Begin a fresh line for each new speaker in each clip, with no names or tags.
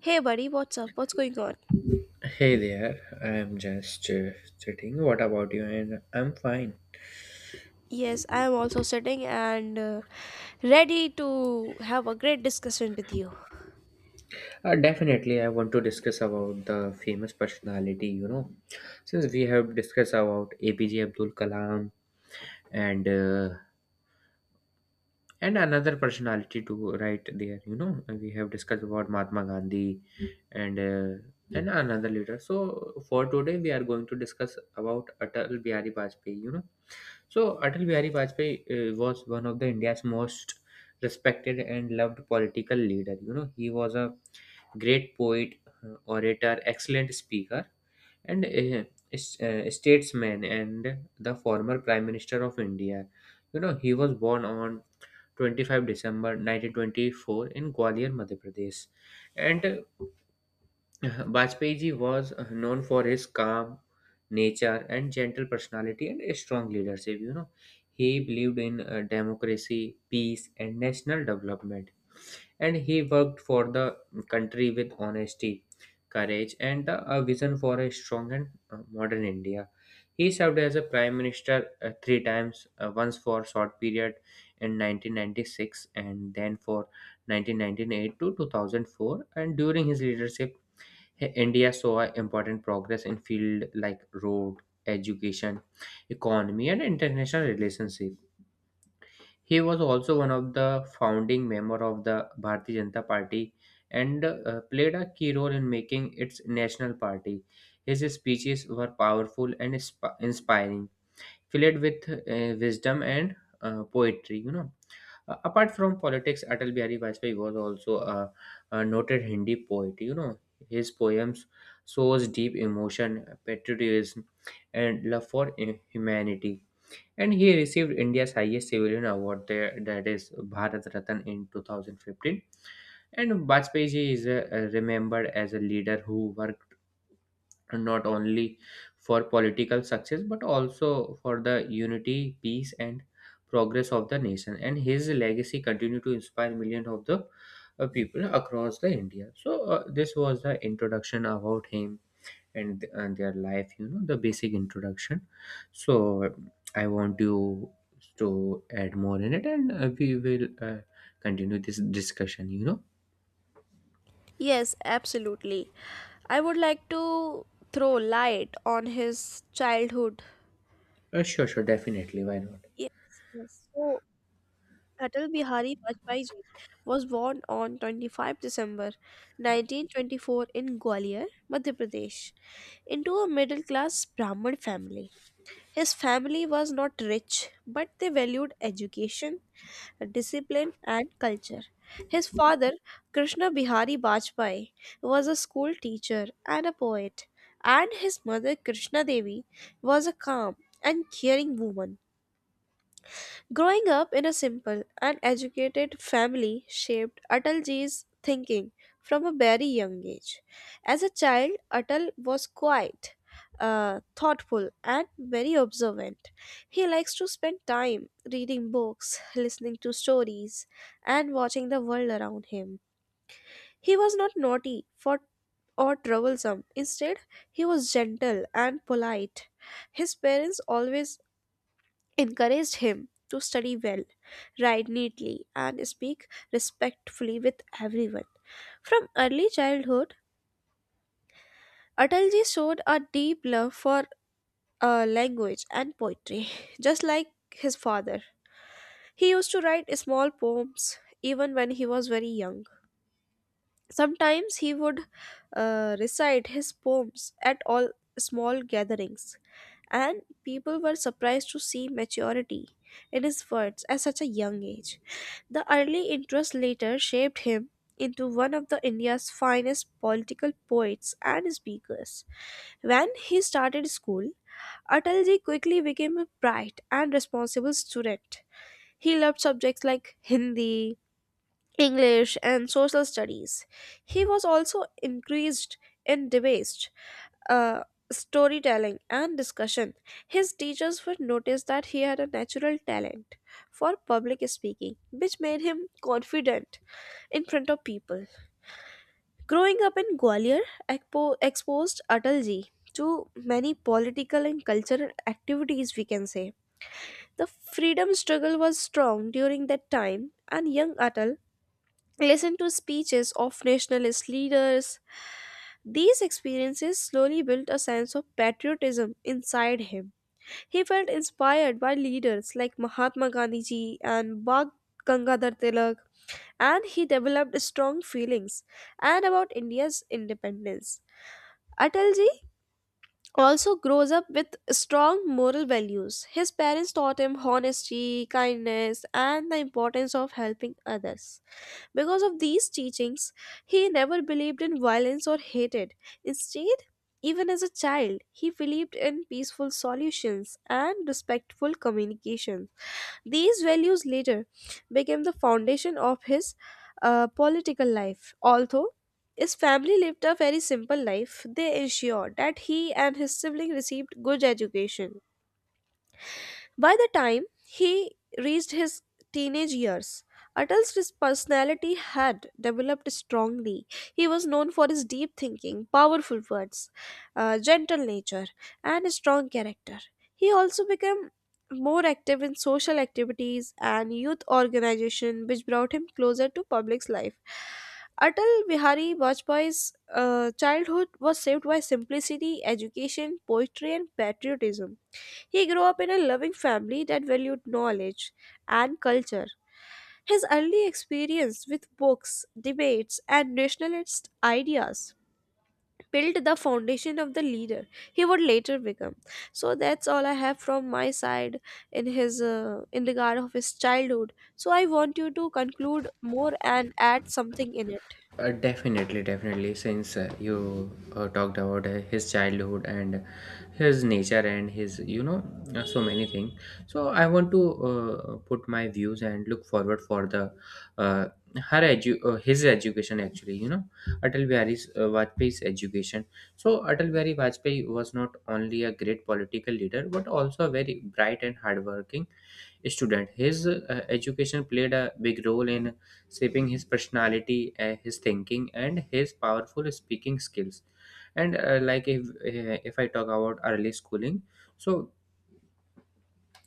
Hey buddy, what's up? What's going on?
Hey there, I'm just sitting. What about you? And I'm fine.
Yes, I am also sitting and ready to have a great discussion with you.
Definitely, I want to discuss about the famous personality. You know, since we have discussed about APJ Abdul Kalam and uh, and another personality too, right there. You know, and we have discussed about Mahatma Gandhi and uh, and another leader. So for today, we are going to discuss about Atal Bihari Vajpayee. You know, so Atal Bihari Vajpayee was one of the India's most respected and loved political leader. You know, he was a great poet, orator, excellent speaker, and statesman, and the former Prime Minister of India. You know, he was born on 25 December 1924 in Gwalior, Madhya Pradesh, and Vajpayee ji was known for his calm nature and gentle personality and a strong leadership. You know, he believed in democracy, peace, and national development, and he worked for the country with honesty, courage, and a vision for a strong and modern India. He served as a prime minister three times, once for short period in 1996 and then for 1998 to 2004, and during his leadership, hey, India saw a important progress in fields like road, education, economy, and international relationship. He was also one of the founding member of the Bharatiya Janata Party and played a key role in making its national party. His speeches were powerful and inspiring, filled with wisdom and poetry. You know, apart from politics, Atal Bihari Vajpayee was also a noted Hindi poet. You know, his poems shows deep emotion, patriotism, and love for humanity. And he received India's highest civilian award there, that is Bharat Ratan, in 2015. And Vajpayee ji is remembered as a leader who worked not only for political success but also for the unity, peace, and progress of the nation, and his legacy continue to inspire millions of the people across the india. So this was the introduction about him and their life, the basic introduction. So I want you to add more in it, and we will continue this discussion.
Yes, absolutely. I would like to throw light on his childhood.
Sure, sure, definitely, why not.
Yes, yes. So, Atal Bihari Vajpayee ji was born on 25 December 1924 in Gwalior, Madhya Pradesh, into a middle class Brahmin family. His family was not rich, but they valued education, discipline, and culture. His father, Krishna Bihari Bajpai, was a school teacher and a poet, and his mother, Krishna Devi, was a calm and caring woman. Growing up in a simple and educated family shaped Atalji's thinking from a very young age. As a child, Atal was quiet, thoughtful, and very observant. He likes to spend time reading books, listening to stories, and watching the world around him. He was not naughty for or troublesome. Instead, he was gentle and polite. His parents always encouraged him to study well, write neatly, and speak respectfully with everyone. From early childhood, Atalji showed a deep love for language and poetry, just like his father. He used to write small poems even when he was very young. Sometimes he would recite his poems at all small gatherings, and people were surprised to see maturity in his words at such a young age. The early interest later shaped him into one of the India's finest political poets and speakers. When he started school, Atalji quickly became a bright and responsible student. He loved subjects like Hindi, English, and social studies. He was also increased in debate, uh, storytelling, and discussion. His teachers would notice that he had a natural talent for public speaking, which made him confident in front of people. Growing up in Gwalior exposed Atalji to many political and cultural activities, we can say. The freedom struggle was strong during that time, and young Atal listen to speeches of nationalist leaders. These experiences slowly built a sense of patriotism inside him. He felt inspired by leaders like Mahatma Gandhi ji and Bag Gangadhar Tilak, and he developed strong feelings and about India's independence. Atalji also grows up with strong moral values. His parents taught him honesty, kindness, and the importance of helping others. Because of these teachings, he never believed in violence or hated. Instead, even as a child, he believed in peaceful solutions and respectful communication. These values later became the foundation of his political life. Although his family lived a very simple life, they ensured that he and his sibling received good education. By the time he reached his teenage years, Atal's personality had developed strongly. He was known for his deep thinking, powerful words, gentle nature, and strong character. He also became more active in social activities and youth organization which brought him closer to public life. Atal Bihari Vajpayee's childhood was saved by simplicity, education, poetry, and patriotism. He grew up in a loving family that valued knowledge and culture. His early experience with books, debates, and nationalist ideas built the foundation of the leader he would later become. So that's all I have from my side in his in regard of his childhood. So I want you to conclude more and add something in it.
Definitely, definitely. Since you talked about his childhood and his nature and his, so many things. So I want to put my views and look forward for the uh, his education actually. You know, Atal Bihari's Vajpayee's education. So Atal Bihari Vajpayee was not only a great political leader but also a very bright and hardworking student. His education played a big role in shaping his personality, his thinking, and his powerful speaking skills. And if I talk about early schooling, so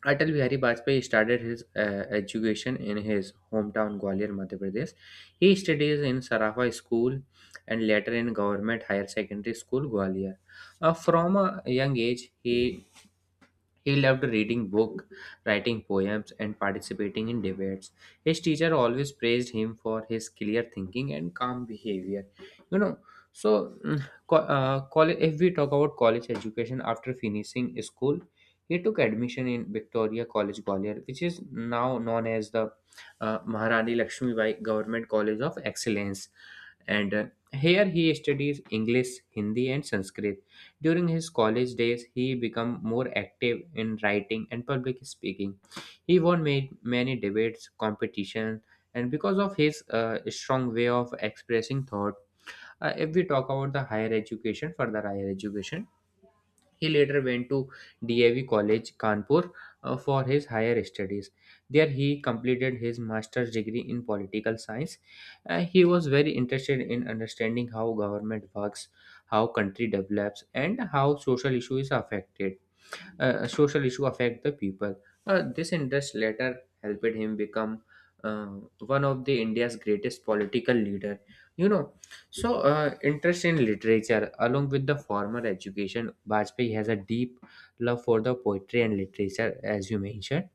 Atal Bihari Vajpayee started his education in his hometown Gwalior, Madhya Pradesh. He studies in Sarafa School and later in Government Higher Secondary School, Gwalior. From a young age, he loved reading books, writing poems, and participating in debates. His teacher always praised him for his clear thinking and calm behavior. You know, so college, if we talk about college education after finishing school, he took admission in Victoria College Gwalior, which is now known as the Maharani Lakshmibai Government College of Excellence. And here he studies English, Hindi, and Sanskrit. During his college days, he became more active in writing and public speaking. He won many debates, competitions, and because of his strong way of expressing thought, if we talk about the higher education, further higher education, he later went to DAV College, Kanpur, for his higher studies. There, he completed his master's degree in political science. He was very interested in understanding how government works, how country develops, and how social issue affect the people. This interest later helped him become uh, one of the India's greatest political leader. You know, so interest in literature along with the formal education, Bajpayee has a deep love for the poetry and literature. As you mentioned,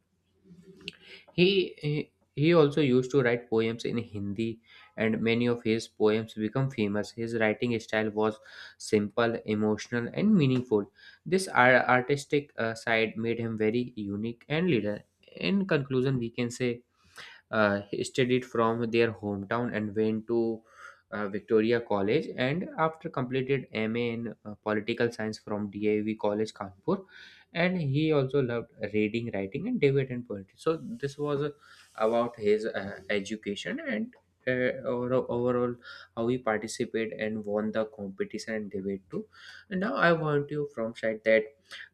he also used to write poems in Hindi, and many of his poems become famous. His writing style was simple, emotional, and meaningful. This artistic side made him very unique and leader. In conclusion, we can say he studied from their hometown and went to Victoria College and after completed MA in political science from DIV College Kanpur, and he also loved reading, writing, and debate and poetry. So this was about his education, and overall, how he participated and won the competition and debate too. And now I want you from side that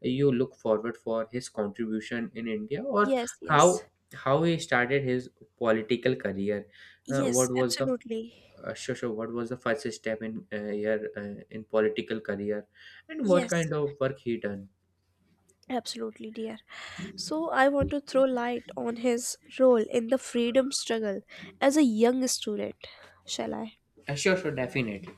you look forward for his contribution in india, or
Yes,
how
yes.
he started his political career.
Yes,
What was the
absolutely.
sure, what was the first step in your in political career, and what
Yes,
kind of work he done?
absolutely, dear. So, I want to throw light on his role in the freedom struggle as a young student. Shall I?
Sure, sure, definitely.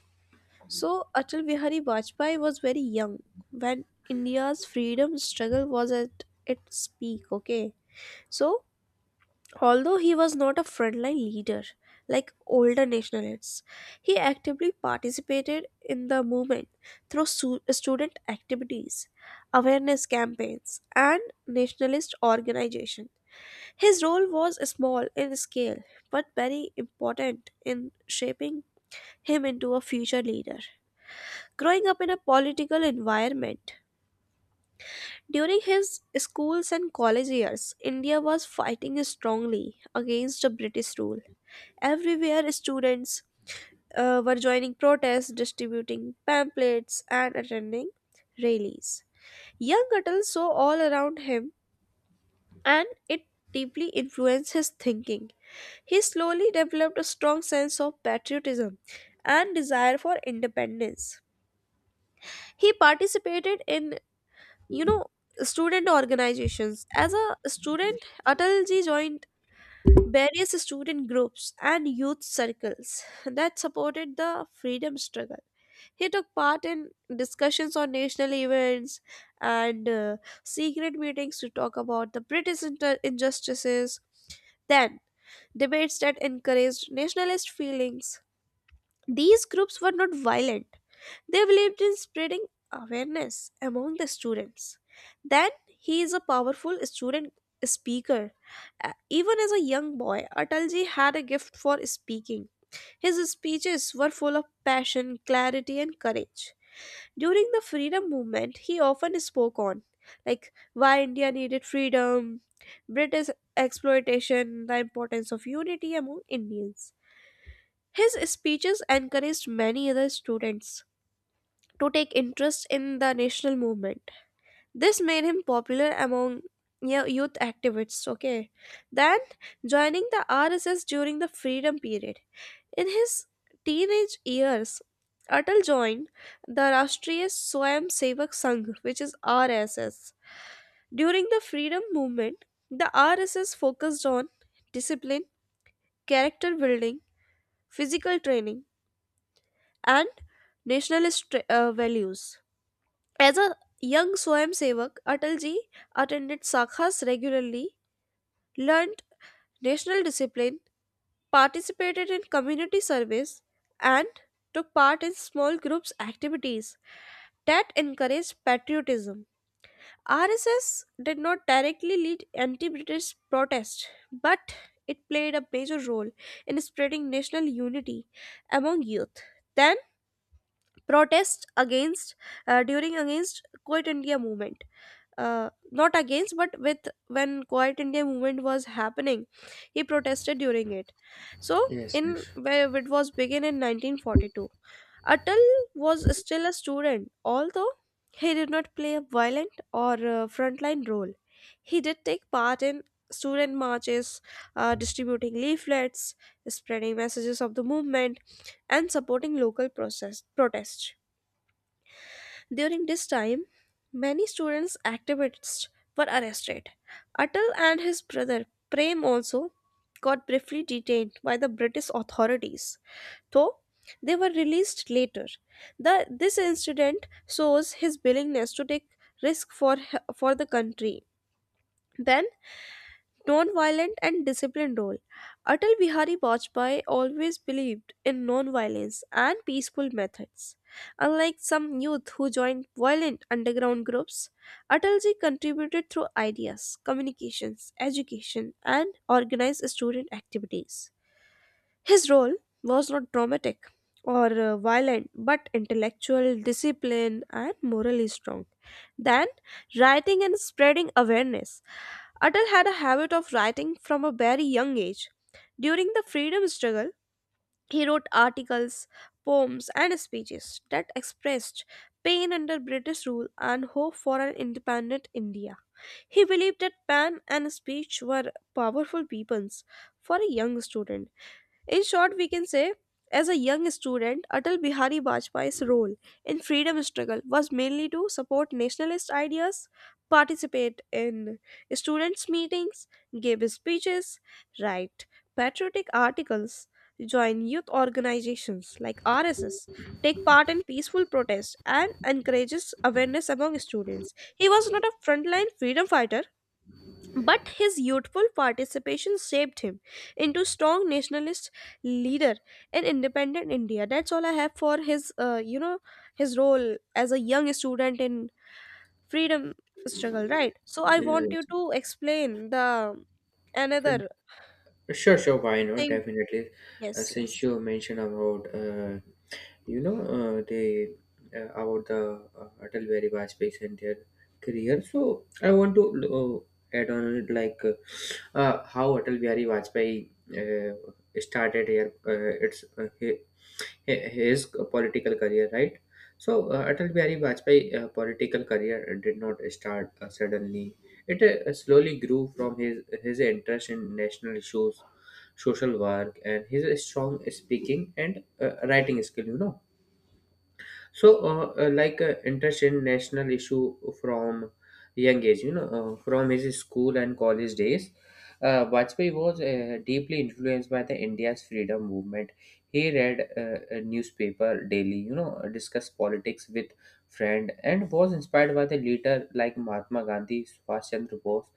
So, Atal Bihari Vajpayee was very young when India's freedom struggle was at its peak, okay? So, although he was not a frontline leader like older nationalists, he actively participated in the movement through student activities, awareness campaigns, and nationalist organization. His role was small in scale but very important in shaping him into a future leader. Growing up in a political environment, during his schools and college years, India was fighting strongly against the British rule. Everywhere, students were joining protests, distributing pamphlets, and attending rallies. Young Atal saw all around him, and it deeply influenced his thinking. He slowly developed a strong sense of patriotism and desire for independence. He participated in, you know, student organizations. As a student, Atalji joined various student groups and youth circles that supported the freedom struggle. He took part in discussions on national events and secret meetings to talk about the injustices, then debates that encouraged nationalist feelings. These groups were not violent, they believed in spreading awareness among the students. Then he is a powerful student speaker. Even as a young boy, Atalji had a gift for speaking. His speeches were full of passion, clarity, and courage. During the freedom movement, he often spoke on like why India needed freedom, British exploitation, the importance of unity among Indians. His speeches encouraged many other students to take interest in the national movement. This made him popular among youth activists, okay? Then joining the RSS during the freedom period. In his teenage years, Atal joined the Rashtriya Swamsevak Sangh, which is RSS. During the freedom movement, the RSS focused on discipline, character building, physical training, and nationalist values. As a young Swayamsevak, Atalji attended sakhas regularly, learnt national discipline, participated in community service, and took part in small groups activities that encouraged patriotism. RSS did not directly lead anti-British protest, but it played a major role in spreading national unity among youth. Then protests against during against Quit India movement, not against but with. When quiet india movement was happening, he protested during it. So
Yes,
in
yes,
where it was begun in 1942, Atal was still a student. Although he did not play a violent or frontline role, he did take part in student marches, distributing leaflets, spreading messages of the movement, and supporting local process protests. During this time, many students activists were arrested. Atal and his brother Prem also got briefly detained by the British authorities, though they were released later. This incident shows his willingness to take risk for, for the country. Then non-violent and disciplined role. Atal Bihari Vajpayee always believed in non-violence and peaceful methods. Unlike some youth who joined violent underground groups, Atalji contributed through ideas, communications, education, and organized student activities. His role was not dramatic or violent, but intellectual, disciplined, and morally strong. Then, writing and spreading awareness. Atal had a habit of writing from a very young age. During the freedom struggle, he wrote articles, poems, and speeches that expressed pain under British rule and hope for an independent India. He believed that pen and speech were powerful weapons for a young student. In short, we can say, as a young student, Atal Bihari Vajpayee's role in freedom struggle was mainly to support nationalist ideas, participate in students' meetings, give speeches, write patriotic articles, join youth organizations like RSS, take part in peaceful protests, and encourages awareness among students. He was not a frontline freedom fighter, but his youthful participation shaped him into strong nationalist leader in independent India. That's all I have for his, his role as a young student in freedom struggle, right? So I want
yes.
you to explain the
Uh,
another
Sure, sure. Why not?
thing.
Definitely.
Yes,
Since
yes,
you mentioned about you know they about the Atal Bihari Vajpayee and their career. So I want to add on it, like how Atal Bihari Vajpayee uh, started here. His political career, right? So Atal Bihari Vajpayee political career did not start suddenly. It slowly grew from his interest in national issues, social work, and his strong speaking and writing skill, you know. So, intergenerational issue from young age, you know, from his school and college days, Vajpayee was deeply influenced by the India's freedom movement. He read a newspaper daily, you know, discussed politics with friend, and was inspired by the leader like Mahatma Gandhi, Subhash Chandra Bose,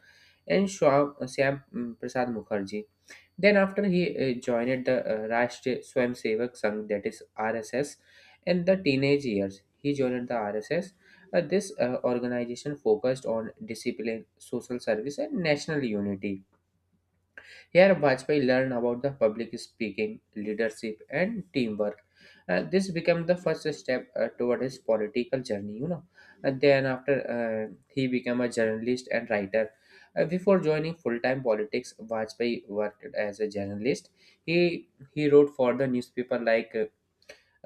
and Shyam Prasad Mukherjee. Then after he joined the Rashtriya Swamsevak Sangh, that is RSS, in the teenage years. He joined the RSS. This organization focused on discipline, social service, and national unity. Here, Vajpayee learned about the public speaking, leadership, and teamwork. This became the first step toward his political journey. You know, and then after, he became a journalist and writer. Before joining full-time politics, Vajpayee worked as a journalist. He he wrote for the newspaper like uh,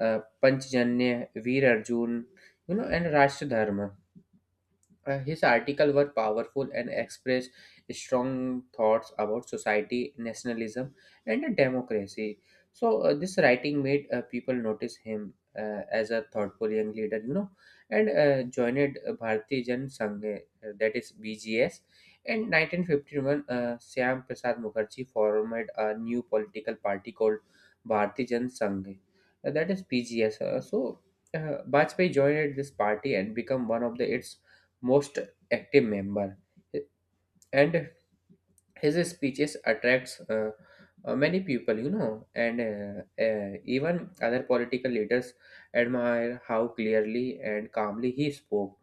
uh, Panchjanya, Veer Arjun, you know, and Rashtra Dharma. His articles were powerful and expressed strong thoughts about society, nationalism, and democracy. So this writing made people notice him as a thoughtful young leader, you know, and joined Bharatiya Jan Sangh, that is BGS. In 1951, Shyam Prasad Mukherjee formed a new political party called Bharatiya Jan Sangh, that is BGS. Bajpayee joined this party and became one of the its most active member, and his speeches attracts many people, you know. And even other political leaders admire how clearly and calmly he spoke.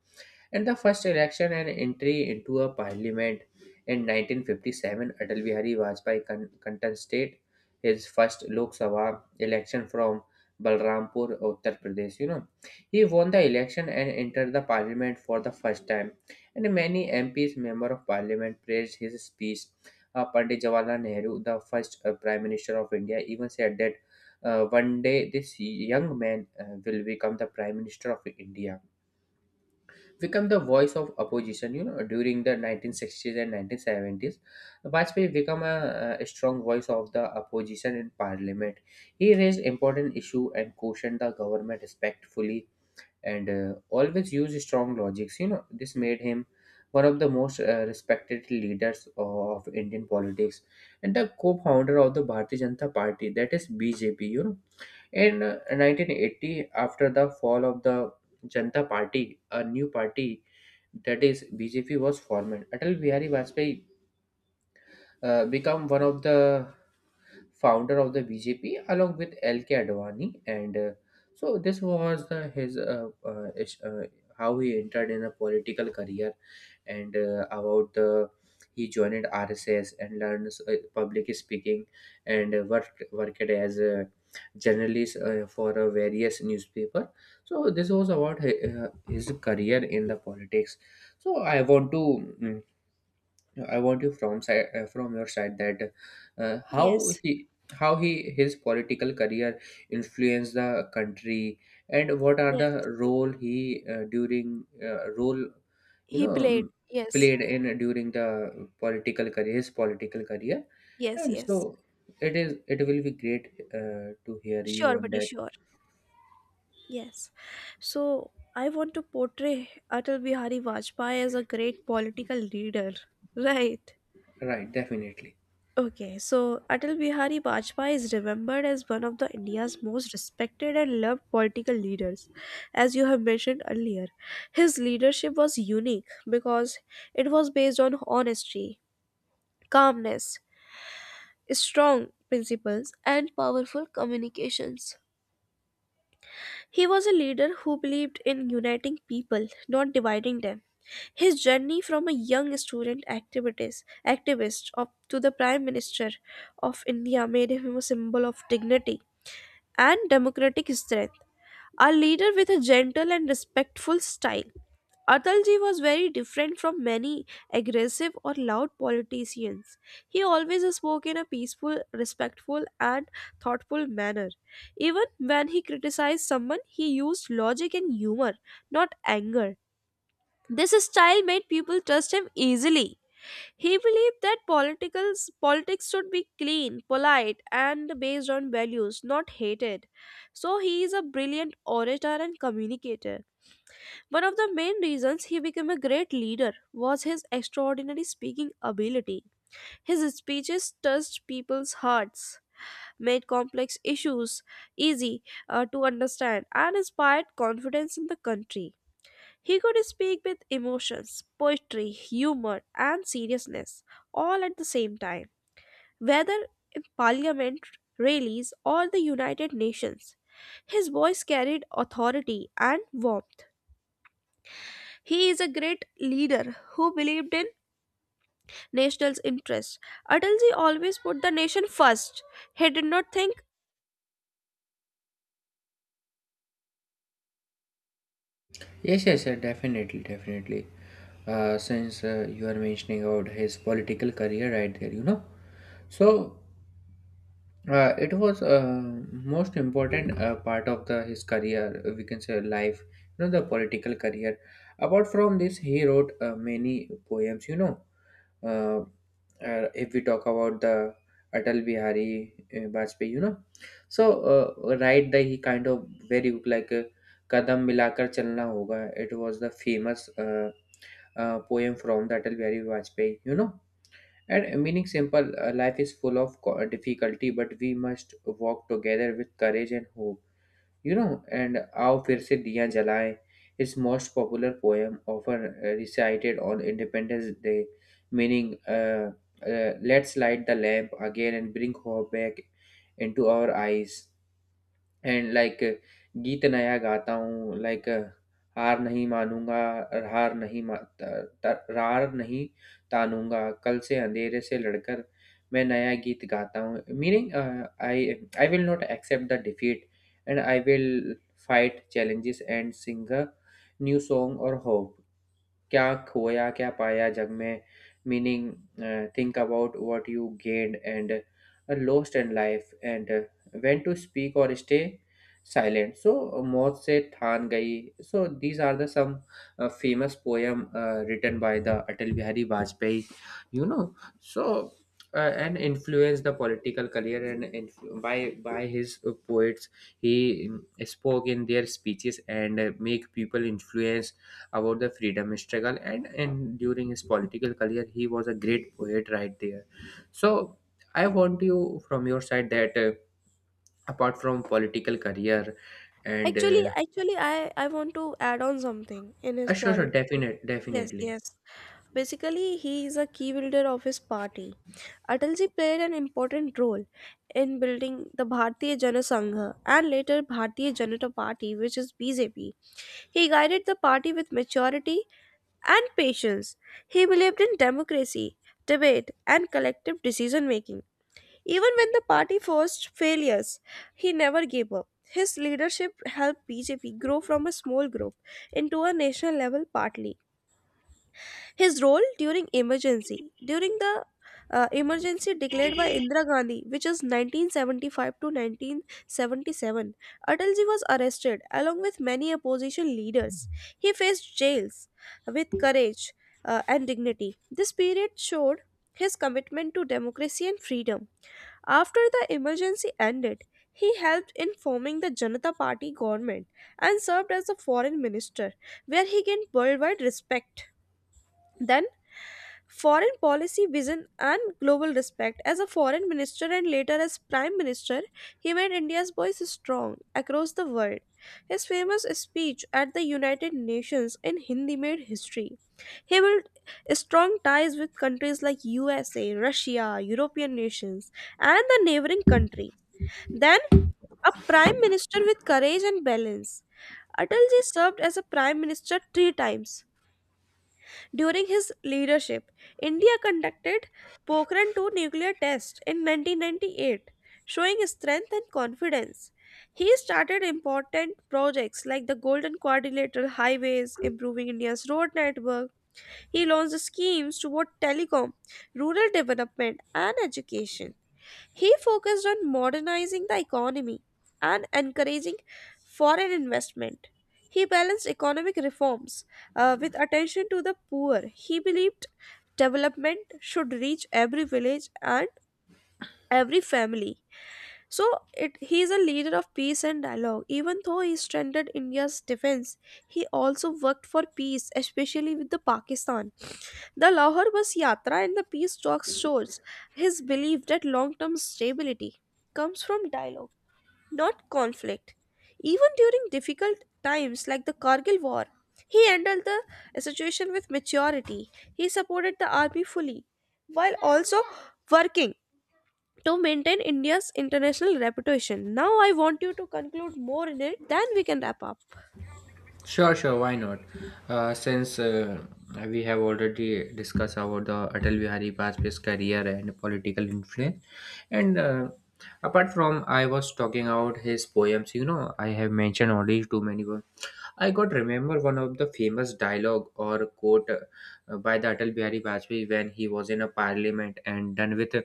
In the first election and entry into a parliament, in 1957, Atal Bihari Vajpayee contested his first Lok Sabha election from Balrampur, Uttar Pradesh. You know, he won the election and entered the parliament for the first time, and many MPs, member of parliament, praised his speech. Pandit Jawaharlal Nehru, the first prime minister of India, even said that one day this young man will become the prime minister of India. Become the voice of opposition, you know. During the 1960s and 1970s, vajpayee become a strong voice of the opposition in parliament. He raised important issue and cautioned the government respectfully and always used strong logics. You know, this made him one of the most respected leaders of Indian politics and the co-founder of the Bharatiya Janata Party, that is BJP. You know, in 1980, after the fall of the Janata Party, a new party that is BJP was formed. Atal Bihari Vajpayee become one of the founder of the BJP along with LK Advani and so this was how he entered in a political career and about the, he joined RSS and learned public speaking and worked as a journalist for a various newspaper. So this was about his career in the politics. So I want to no, I want you from side from your side that, how
yes,
he, how he, his political career influenced the country, and what are the
yes.
role he, during role, you
He
know
played.
m-
Yes,
played in, during the political career, his political career.
yes,
And
yes.
so it is, it will be great to hear you
Sure,
on
buddy,
that.
sure. Yes. So I want to portray Atal Bihari Vajpayee as a great political leader. Right.
Right, definitely.
Okay, so Atal Bihari Vajpayee is remembered as one of the India's most respected and loved political leaders, as you have mentioned earlier. His leadership was unique because it was based on honesty, calmness, strong principles, and powerful communications. He was a leader who believed in uniting people, not dividing them. His journey from a young activist up to the Prime Minister of India made him a symbol of dignity and democratic strength, a leader with a gentle and respectful style. Atalji was very different from many aggressive or loud politicians. He always spoke in a peaceful, respectful, and thoughtful manner. Even when he criticized someone, he used logic and humor, not anger. This style made people trust him easily. He believed that politics should be clean, polite, and based on values, not hated. So he is a brilliant orator and communicator. One of the main reasons he became a great leader was his extraordinary speaking ability. His speeches touched people's hearts, made complex issues easy to understand, and inspired confidence in the country. He could speak with emotions, poetry, humor, and seriousness all at the same time, whether in parliament, rallies, or the United Nations. His voice carried authority and warmth. He is a great leader who believed in national interest. Atal ji always put the nation first. He did not think.
Yes, yes sir, definitely, definitely. Since you are mentioning about his political career right there, you know. So, it was, most important part of the his career, we can say life, you know, the political career. Apart from this, he wrote many poems. You know, uh, if we talk about the Atal Bihari Vajpayee, you know, so, right there he kind of very good, like, kadam milakar chalna hoga. It was the famous poem from the Atal Bihari Vajpayee. You know, and meaning simple, life is full of difficulty, but we must walk together with courage and hope. You know, and Aao Fir Se Diya Jalaye, his most popular poem, often recited on Independence Day, meaning, let's light the lamp again and bring hope back into our eyes. And like गीत नया गाता हूँ like हार नहीं मानूँगा हार नहीं मा त त रार नहीं तानूँगा, कल से अंधेरे से लड़कर मैं नया गीत गाता हूँ। Meaning I will not accept the defeat and I will fight challenges and sing a new song और होप। क्या खोया, क्या पाया जग में? Meaning, think about what you gained and lost in life, and when to speak or stay silent. So, मौत से थान गई. So, these are the some famous poem written by the Atal Bihari Vajpayee. You know, so. And influenced the political career and by his poets he spoke in their speeches and make people influence about the freedom struggle, and during his political career he was a great poet right there. So I want you from your side that, apart from political career and
Actually, I want to add on something in his
sure, sure,
political. Yes,
definitely.
yes. Basically, he is a key builder of his party. Atal ji played an important role in building the Bharatiya Jana Sangha and later Bharatiya Janata Party, which is BJP. He guided the party with maturity and patience. He believed in democracy, debate, and collective decision making. Even when the party faced failures, he never gave up. His leadership helped BJP grow from a small group into a national level party. His role during emergency. During the emergency declared by Indira Gandhi, which is 1975 to 1977, Atalji was arrested along with many opposition leaders. He faced jails with courage and dignity. This period showed his commitment to democracy and freedom. After the emergency ended, he helped in forming the Janata Party government and served as a foreign minister, where he gained worldwide respect. Then foreign policy vision and global respect. As a foreign minister and later as prime minister, he made India's voice strong across the world. His famous speech at the United Nations in Hindi made history. He built strong ties with countries like USA, Russia, European nations, and the neighboring countries. Then, a prime minister with courage and balance. Atalji served as a prime minister three times. During his leadership, India conducted Pokhran 2 nuclear test in 1998, showing strength and confidence. He started important projects like the Golden Quadrilateral Highways, improving India's road network. He launched schemes toward telecom, rural development, and education. He focused on modernizing the economy and encouraging foreign investment. He balanced economic reforms with attention to the poor. He believed development should reach every village and every family. So it, he is a leader of peace and dialogue. Even though he strengthened India's defense, he also worked for peace, especially with the Pakistan. The Lahore Bus Yatra and the peace talks shows his belief that long-term stability comes from dialogue, not conflict. Even during difficult times like the Kargil War, he handled the situation with maturity. He supported the army fully while also working to maintain India's international reputation. Now, I want you to conclude more in it, then we can wrap up.
Sure, sure, why not? Since we have already discussed about the Atal Bihari Vajpayee's career and political influence, and apart from, I was talking about his poems, you know, I have mentioned already too many. I got remember one of the famous dialogue or quote by the Atal Bihari Vajpayee when he was in a parliament and done with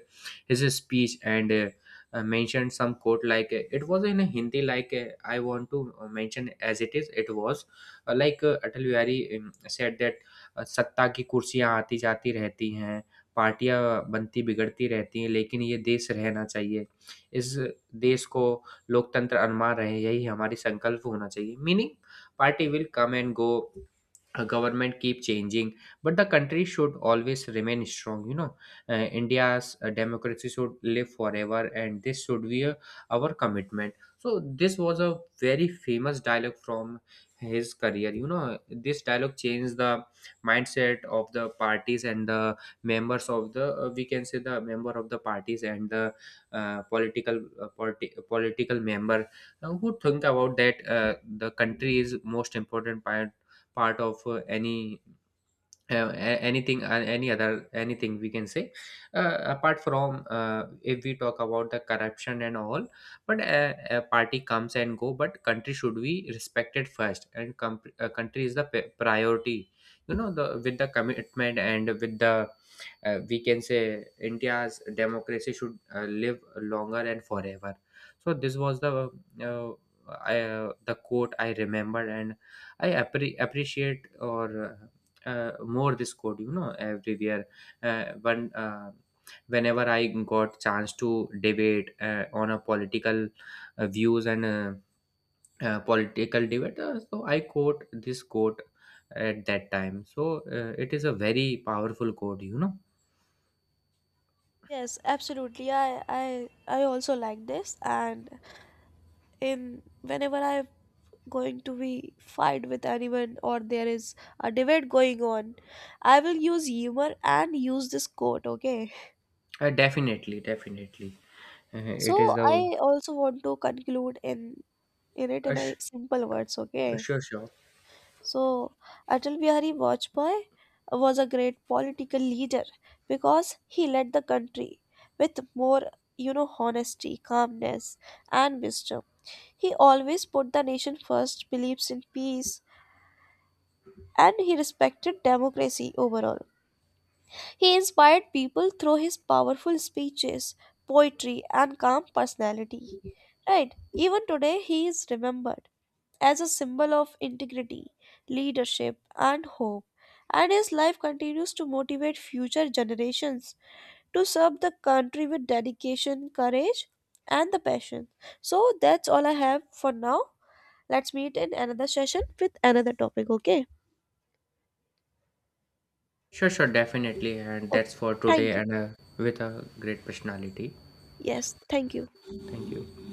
his speech and, mentioned some quote like, it was in a Hindi, like, I want to mention as it is, it was like, Atal Bihari said that, सत्ता की कुर्सियां आती जाती रहती हैं पार्टियां बनती बिगड़ती रहती हैं लेकिन ये देश रहना चाहिए इस देश को लोकतंत्र अनमा रहे यही हमारी संकल्प होना चाहिए meaning, party will come and go, a government keep changing, but the country should always remain strong, you know. India's democracy should live forever, and this should be a, our commitment. So this was a very famous dialogue from his career. You know, this dialogue changed the mindset of the parties and the members of the, we can say the member of the parties and the political political member, who think about that, the country is most important part, part of any, anything, any other anything we can say. Apart from, if we talk about the corruption and all, but a party comes and go, but country should be respected first and country is the priority. You know, the with the commitment and with the, we can say India's democracy should live longer and forever. So this was the, uh, the quote I remembered, and I appreciate or, more this code, you know, everywhere, when whenever I got chance to debate on a political views and, political debate, so I quote this quote at that time. So, it is a very powerful quote, you know.
Yes, absolutely. I I also like this, and in whenever I'm going to be fight with anyone or there is a debate going on, I will use humor and use this quote, okay?
Definitely, definitely. Uh, it is
So
the
I also want to conclude in it in a
sh-
simple words, okay?
Sure, sure,
So, Atal Bihari Vajpayee was a great political leader because he led the country with more, you know, honesty, calmness, and wisdom. He always put the nation first, believes in peace, and he respected democracy overall. He inspired people through his powerful speeches, poetry, and calm personality. Right, even today he is remembered as a symbol of integrity, leadership, and hope, and his life continues to motivate future generations to serve the country with dedication, courage, and the passion. So that's all I have for now. Let's meet in another session with another topic, okay?
sure, sure, definitely, and
Okay.
that's for today,
Thank you.
and, with a great personality,
Yes, thank you.
thank you.